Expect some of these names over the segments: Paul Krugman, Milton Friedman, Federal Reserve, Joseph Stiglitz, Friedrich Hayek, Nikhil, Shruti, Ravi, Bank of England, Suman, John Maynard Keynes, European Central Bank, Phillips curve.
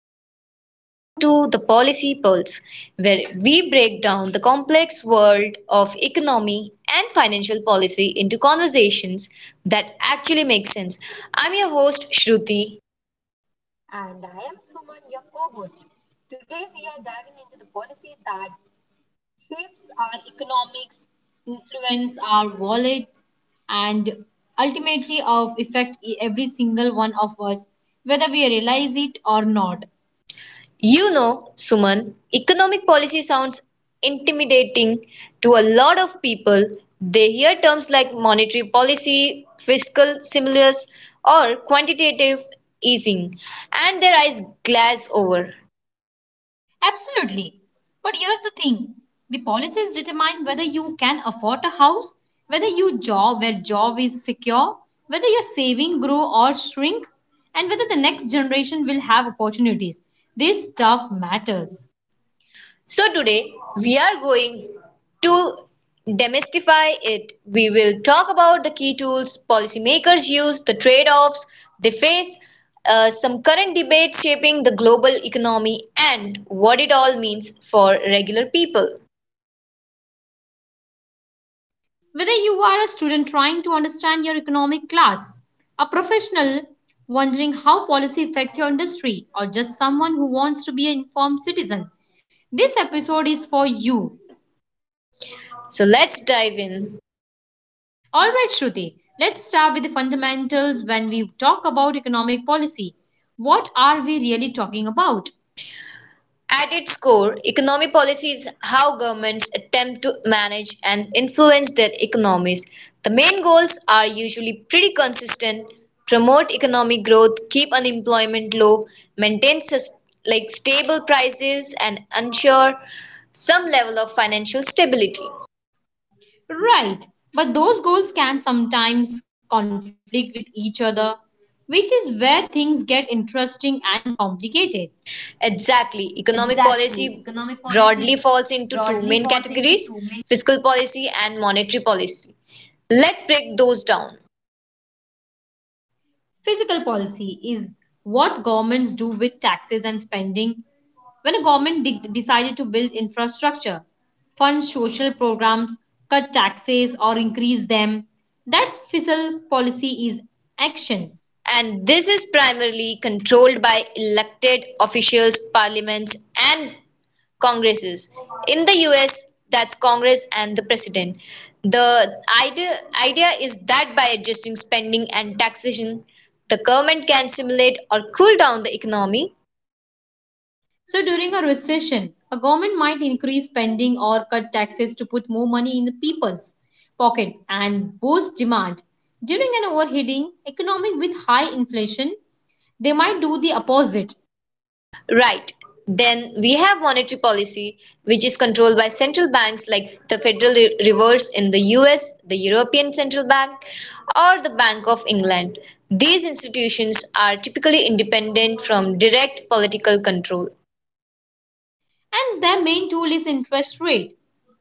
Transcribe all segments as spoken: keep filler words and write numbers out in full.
everyone, and welcome to the Policy Pulse, where we break down the complex world of economy and financial policy into conversations that actually make sense. I'm your host, Shruti. And I am Suman, your co host. Today, we are diving into the policy that shapes our economics, influence our wallets, and ultimately of affect e- every single one of us, whether we realize it or not. You know, Suman, economic policy sounds intimidating to a lot of people. They hear terms like monetary policy, fiscal stimulus, or quantitative easing, and their eyes glaze over. Absolutely. But here's the thing. The policies determine whether you can afford a house, whether you job where job is secure, whether your saving grow or shrink, and whether the next generation will have opportunities. This stuff matters. So today we are going to demystify it. We will talk about the key tools policymakers use, the trade-offs they face, uh, some current debates shaping the global economy, and what it all means for regular people. Whether you are a student trying to understand your economic class, a professional wondering how policy affects your industry, or just someone who wants to be an informed citizen, this episode is for you. So let's dive in. All right, Shruti, let's start with the fundamentals when we talk about economic policy. What are we really talking about? At its core, economic policy is how governments attempt to manage and influence their economies. The main goals are usually pretty consistent: promote economic growth, keep unemployment low, maintain sus- like stable prices and ensure some level of financial stability. Right, but those goals can sometimes conflict with each other, which is where things get interesting and complicated. Exactly. Economic policy broadly falls into two main categories, fiscal policy and monetary policy. Let's break those down. Fiscal policy is what governments do with taxes and spending. When a government de- decided to build infrastructure, fund social programs, cut taxes, or increase them, that's fiscal policy is action. And this is primarily controlled by elected officials, parliaments, and congresses. In the U S, that's Congress and the president. The idea, idea is that by adjusting spending and taxation, the government can stimulate or cool down the economy. So during a recession, a government might increase spending or cut taxes to put more money in the people's pocket and boost demand. During an overheating economy with high inflation, they might do the opposite. Right. Then we have monetary policy, which is controlled by central banks like the Federal Re- Reserve in the U S, the European Central Bank, or the Bank of England. These institutions are typically independent from direct political control. And their main tool is interest rate.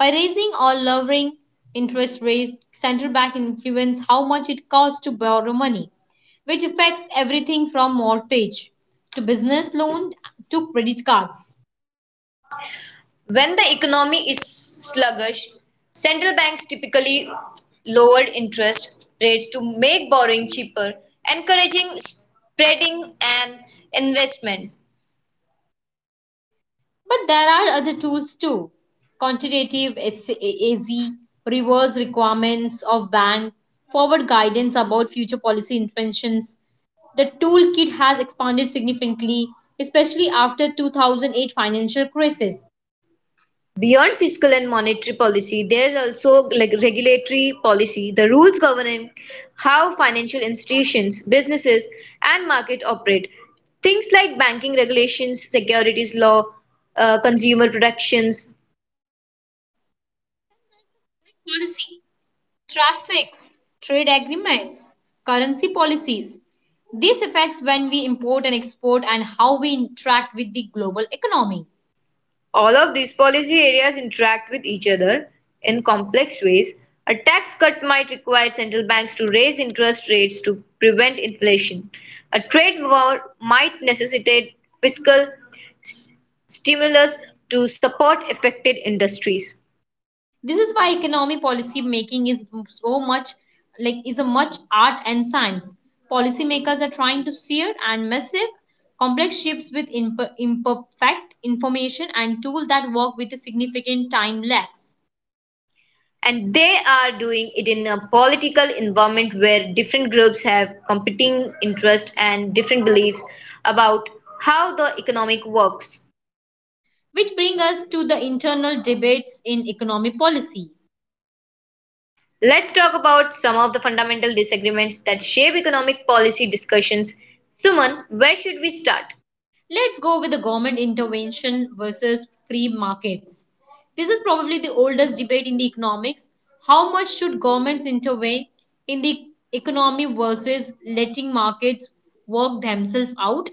By raising or lowering interest rates, central bank influence how much it costs to borrow money, which affects everything from mortgage to business loan to credit cards. When the economy is sluggish, central banks typically lower interest rates to make borrowing cheaper, encouraging spreading and investment. But there are other tools too. Quantitative S- A- AZ, reverse requirements of bank, forward guidance about future policy interventions. The toolkit has expanded significantly, especially after two thousand eight financial crisis. Beyond fiscal and monetary policy, there is also like regulatory policy, the rules governing how financial institutions, businesses, and market operate. Things like banking regulations, securities law, uh, consumer protections, Policy, traffic, trade agreements, currency policies. This affects when we import and export and how we interact with the global economy. all of these policy areas interact with each other in complex ways. A tax cut might require central banks to raise interest rates to prevent inflation. A trade war might necessitate fiscal s- stimulus to support affected industries. This is why economic policy making is so much like is a much art and science. Policymakers are trying to steer and massive complex ships with imper imperfect information and tools that work with a significant time lags. And they are doing it in a political environment where different groups have competing interests and different beliefs about how the economic works. Which bring us to the internal debates in economic policy. Let's talk about some of the fundamental disagreements that shape economic policy discussions. Suman, where should we start? Let's go with the government intervention versus free markets. This is probably the oldest debate in the economics. How much should governments intervene in the economy versus letting markets work themselves out?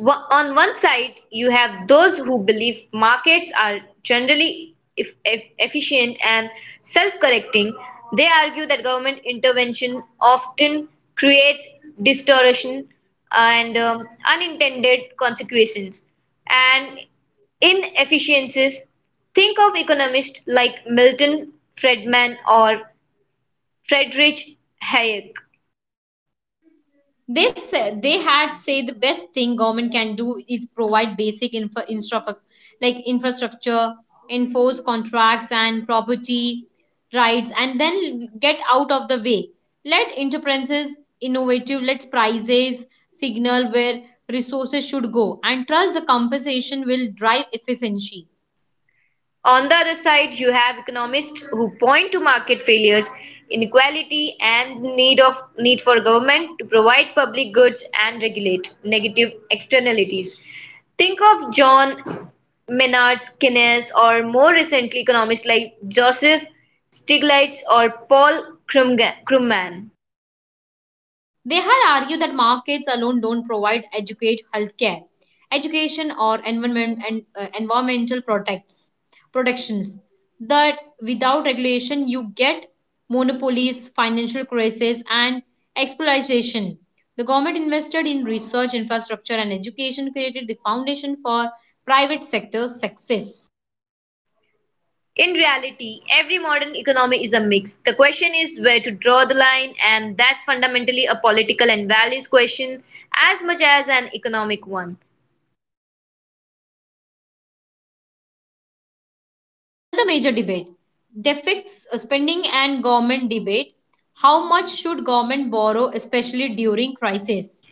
Wa- On one side, you have those who believe markets are generally eff- eff- efficient and self correcting. They argue that government intervention often creates distortion and um, unintended consequences and inefficiencies. Think of economists like Milton Friedman or Friedrich Hayek. They said they had say the best thing government can do is provide basic infra, infra like infrastructure enforce contracts and property rights and then get out of the way let enterprises innovative let prices signal where resources should go and trust the compensation will drive efficiency. On the other side, you have economists who point to market failures, inequality, and need of need for government to provide public goods and regulate negative externalities. Think of John Maynard Keynes or more recently economists like Joseph Stiglitz or Paul Krugman. They had argued that markets alone don't provide educate healthcare, education or environment and uh, environmental protects protections. That without regulation you get monopolies, financial crisis and exploitation. The government invested in research, infrastructure and education created the foundation for private sector success. In reality, every modern economy is a mix. The question is where to draw the line, and that's fundamentally a political and values question as much as an economic one. Another major debate, deficits spending and government debate. How much should government borrow, especially during crisis?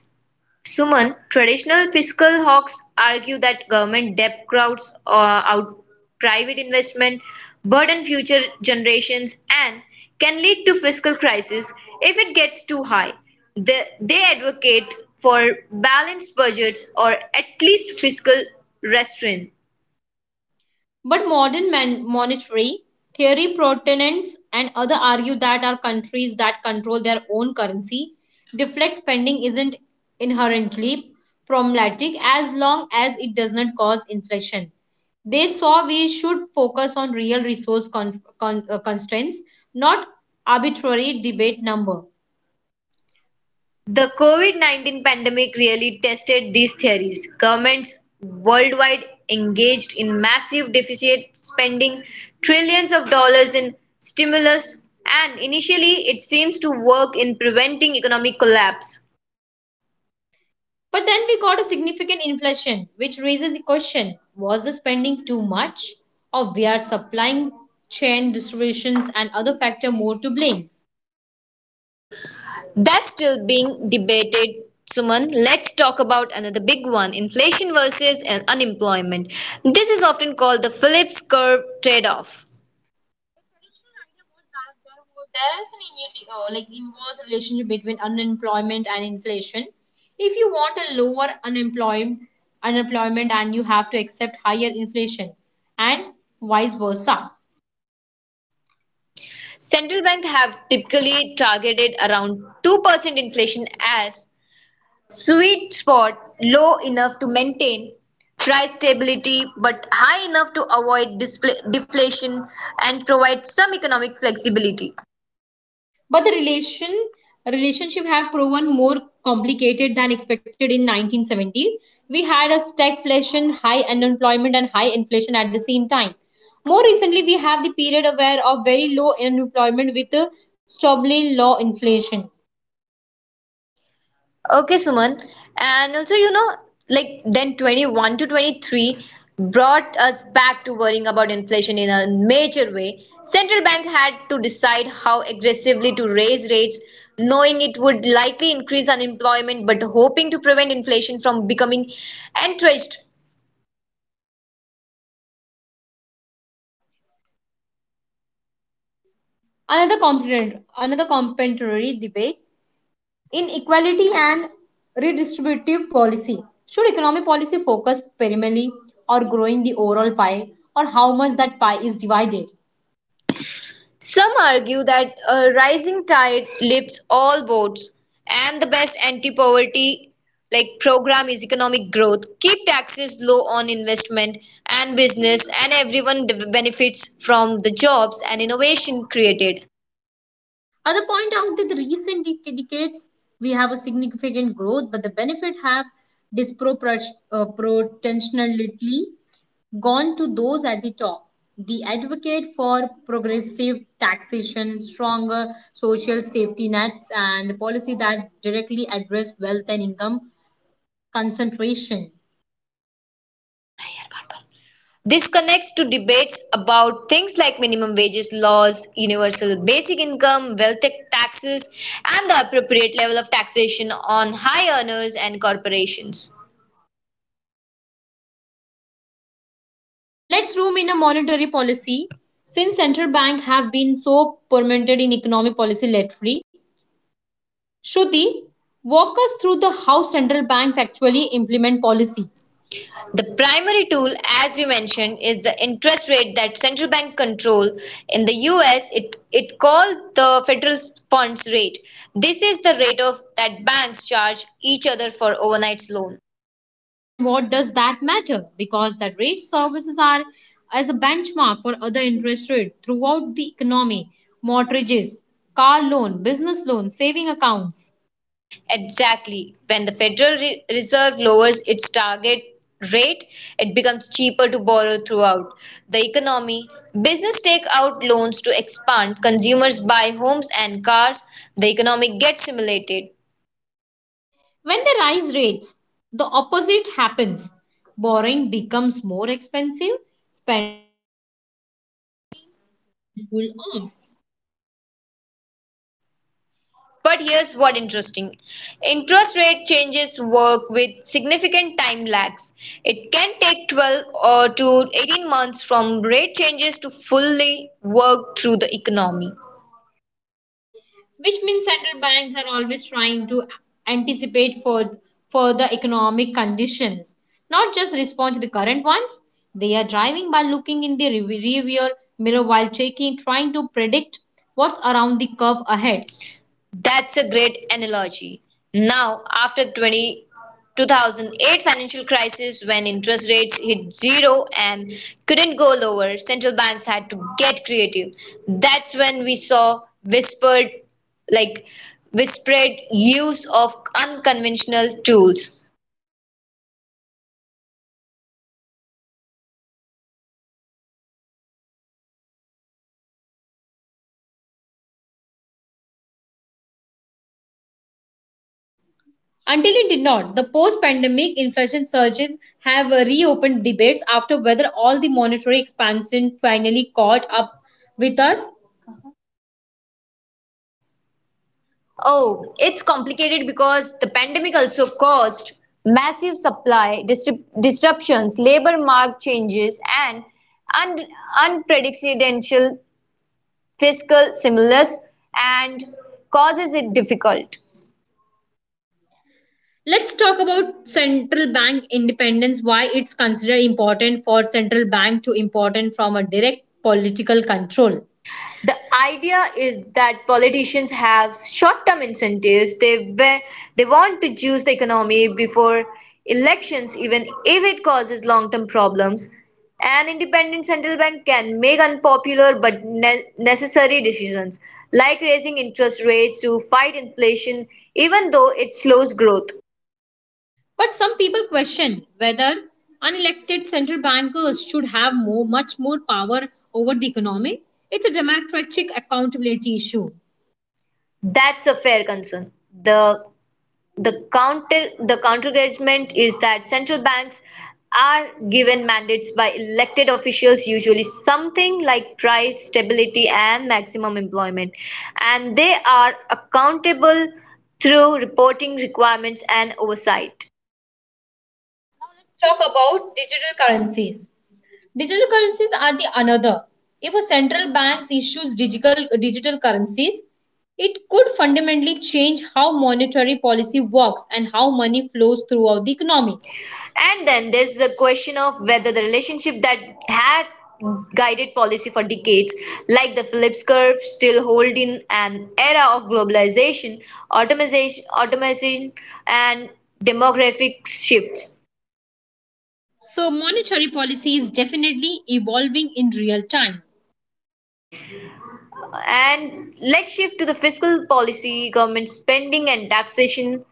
Suman, traditional fiscal hawks argue that government debt crowds uh, out private investment, burden future generations, and can lead to fiscal crisis if it gets too high. The, they advocate for balanced budgets or at least fiscal restraint. But modern man- monetary theory proponents and other argue that our countries that control their own currency deflect spending isn't inherently problematic as long as it does not cause inflation. They saw we should focus on real resource con- con- uh, constraints, not arbitrary debate number. The COVID-nineteen pandemic really tested these theories. Governments worldwide engaged in massive deficit spending, trillions of dollars in stimulus, and initially it seems to work in preventing economic collapse. But then we got a significant inflation, which raises the question was the spending too much, or were supply chain disruptions and other factors more to blame? That's still being debated. Suman, let's talk about another big one inflation versus uh, unemployment. This is often called the Phillips curve trade off. There is an uni- uh, like inverse relationship between unemployment and inflation. If you want a lower unemployment, unemployment and you have to accept higher inflation, and vice versa. Central bank have typically targeted around two percent inflation as sweet spot, low enough to maintain price stability but high enough to avoid displa- deflation and provide some economic flexibility. But the relation relationship have proven more complicated than expected in nineteen seventy. We had a stagflation, high unemployment, and high inflation at the same time. More recently, we have the period aware of very low unemployment with a stubbornly low inflation. Okay, Suman. And also, you know, like then twenty-one to twenty-three brought us back to worrying about inflation in a major way. Central bank had to decide how aggressively to raise rates, knowing it would likely increase unemployment, but hoping to prevent inflation from becoming entrenched. Another component, another complementary debate in equality and redistributive policy. Should economic policy focus primarily on growing the overall pie or how much that pie is divided? Some argue that a rising tide lifts all boats, and the best anti-poverty like program is economic growth. Keep taxes low on investment and business, and everyone d- benefits from the jobs and innovation created. Other point out that the recent decades we have a significant growth, but the benefit have disproportionately gone to those at the top. The advocate for progressive taxation, stronger social safety nets, and the policy that directly address wealth and income concentration. This connects to debates about things like minimum wages laws, universal basic income, wealth ta- taxes, and the appropriate level of taxation on high earners and corporations. Let's zoom in a monetary policy. Since central bank have been so permeated in economic policy lately, Shruti, walk us through the how central banks actually implement policy The primary tool, as we mentioned, is the interest rate that central bank control. In the U S, it, it called the federal funds rate. This is the rate of that banks charge each other for overnight loan. and what does that matter because the rate services are as a benchmark for other interest rates throughout the economy, mortgages, car loan, business loan, saving accounts. Exactly. When the Federal Reserve lowers its target rate, it becomes cheaper to borrow throughout the economy. Business take out loans to expand, consumers buy homes and cars, the economy gets stimulated. When they rise rates, the opposite happens. Borrowing becomes more expensive, spending cool off. But here's what interesting. Interest rate changes work with significant time lags. It can take twelve or to eighteen months from rate changes to fully work through the Which means economy. central banks are always trying to anticipate for further economic conditions, not just respond to the current ones. They are driving by looking in the rearview mirror while taking, trying to predict what's around the curve ahead. That's a great analogy. Now, after 20, two thousand eight financial crisis, when interest rates hit zero and couldn't go lower, central banks had to get creative. That's when we saw whispered, like whispered use of unconventional tools. Until it did not, the post-pandemic inflation surges have uh, reopened debates after whether all the monetary expansion finally caught up with us. Oh, it's complicated because the pandemic also caused massive supply disrup- disruptions, labor market changes, and un- unprecedented fiscal stimulus, and causes it difficult. Let's talk about central bank independence, why it's considered important for central bank to important from a direct political control. The idea is that politicians have short-term incentives. They wa- they want to juice the economy before elections, even if it causes long-term problems. An independent central bank can make unpopular but ne- necessary decisions, like raising interest rates to fight inflation, even though it slows growth. But some people question whether unelected central bankers should have more, much more power over the economy. It's a democratic accountability issue. That's a fair concern. The The counter the counterargument is that central banks are given mandates by elected officials, usually something like price stability and maximum employment, and they are accountable through reporting requirements and oversight. Talk about digital currencies. Digital currencies are the another. If a central bank issues digital digital currencies, it could fundamentally change how monetary policy works and how money flows throughout the economy. And then there's the question of whether the relationship that had guided policy for decades, like the Phillips curve, still hold in an era of globalization, automation, automation and demographic shifts. So monetary policy is definitely evolving in real time. And let's shift to the fiscal policy, government spending, and taxation.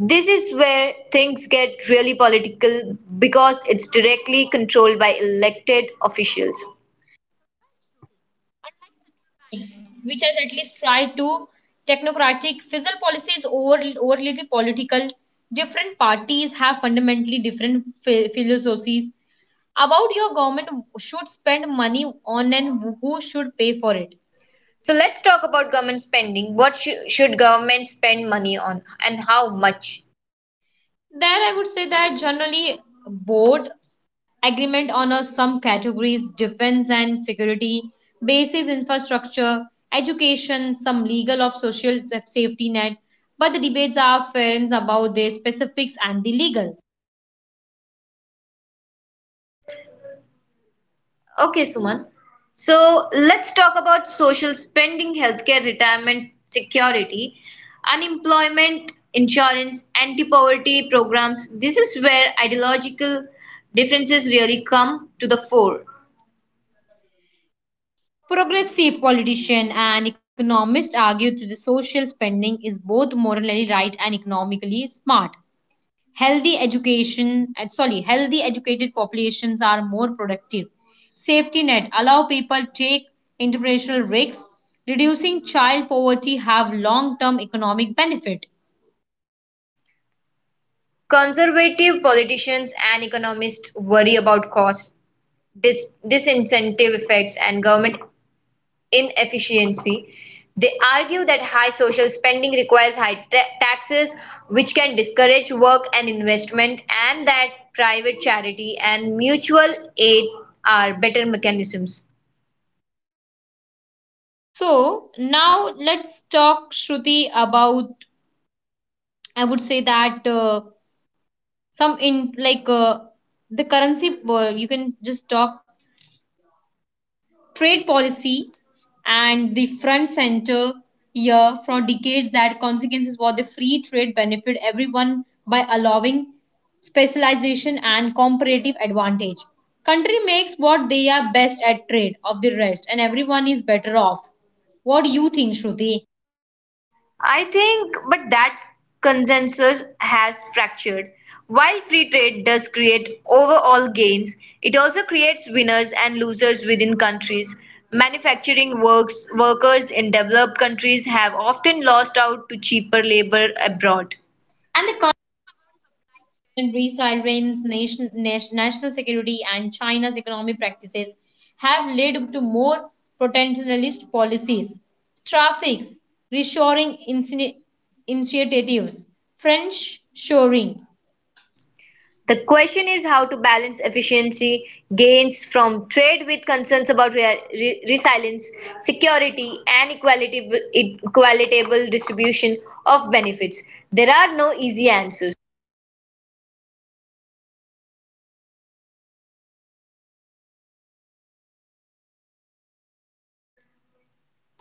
This is where things get really political because it's directly controlled by elected officials. Unlike central banks, which has at least tried to technocratic fiscal policies over overly overly political different parties have fundamentally different philosophies about your government should spend money on and who should pay for it. So let's talk about government spending. What shou- should government spend money on and how much? There I would say that generally board agreement on a, some categories defense and security basis infrastructure education some legal of social safety net but the debates are fair about their specifics and the legal Okay, Suman. So let's talk about social spending, healthcare, retirement, security, unemployment, insurance, anti-poverty programs. This is where ideological differences really come to the fore. progressive politicians and economists argue that the social spending is both morally right and economically smart healthy education uh, sorry healthy educated populations are more productive safety net allow people take entrepreneurial risks reducing child poverty have long term economic benefit. Conservative politicians and economists worry about cost, dis- disincentive effects, and government inefficiency. They argue that high social spending requires high ta- taxes, which can discourage work and investment, and that private charity and mutual aid are better mechanisms. So now let's talk Shruti about I would say that uh, some in like uh, the currency uh, you can just talk trade policy and the front center here for decades that consequence is what the free trade benefit everyone by allowing specialization and comparative advantage country makes what they are best at trade of the rest and everyone is better off. What do you think Shruti? I think, but that consensus has fractured. While free trade does create overall gains, it also creates winners and losers within countries. Manufacturing works, workers in developed countries have often lost out to cheaper labor abroad. And resilience, nation, national security, and China's economic practices have led to more protectionist policies. Traffics, reshoring initiatives, French shoring. The question is how to balance efficiency gains from trade with concerns about rea- re- resilience, security, and equality- equitable distribution of benefits. There are no easy answers.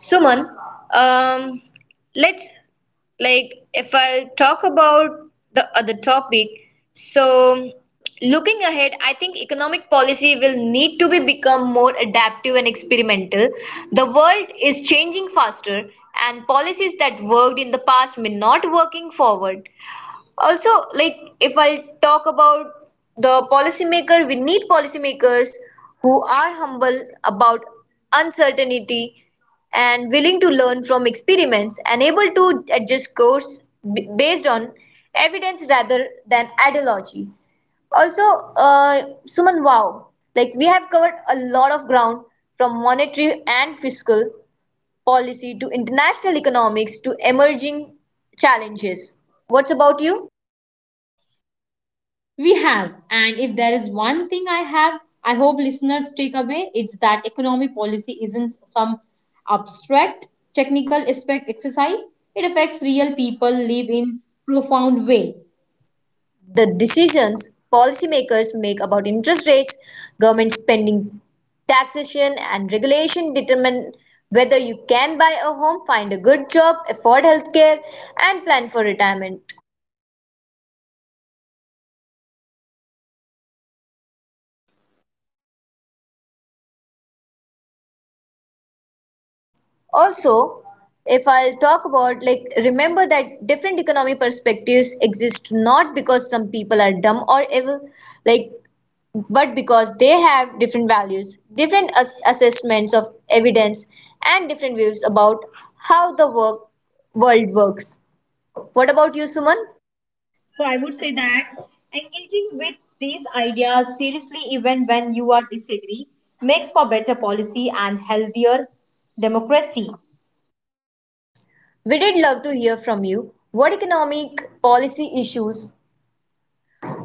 Suman, um, let's like if I'll talk about the other topic. So, looking ahead, I think economic policy will need to be become more adaptive and experimental. The world is changing faster, and policies that worked in the past may not working forward. Also, like, if I talk about the policymaker, we need policymakers who are humble about uncertainty and willing to learn from experiments and able to adjust course b- based on evidence rather than ideology. Also, uh, Suman, wow, like we have covered a lot of ground from monetary and fiscal policy to international economics to emerging challenges. What's about you? We have, and if there is one thing I have, I hope listeners take away, it's that economic policy isn't some abstract technical aspect exercise. It affects real people live in profound way. The decisions policymakers make about interest rates, government spending, taxation, and regulation determine whether you can buy a home, find a good job, afford healthcare, and plan for retirement. Also, if I'll talk about, like, remember that different economic perspectives exist not because some people are dumb or evil, like, but because they have different values, different ass- assessments of evidence, and different views about how the work- world works. What about you, Suman? So I would say that engaging with these ideas seriously, even when you are disagree, makes for better policy and healthier democracy. We did love to hear from you. What economic policy issues,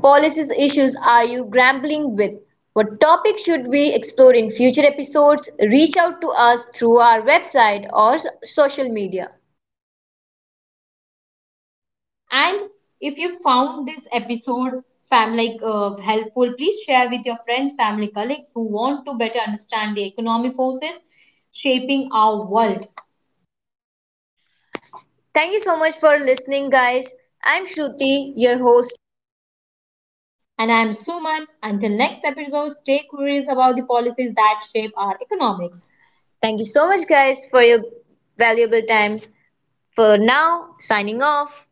policies issues are you grappling with? What topic should we explore in future episodes? Reach out to us through our website or s- social media. And if you found this episode fam like uh, helpful, please share with your friends, family, colleagues who want to better understand the economic forces shaping our world. Thank you so much for listening, guys. I'm Shruti, your host. And I am Suman. Until next episode, stay curious about the policies that shape our economics. Thank you so much, guys, for your valuable time. For now, signing off.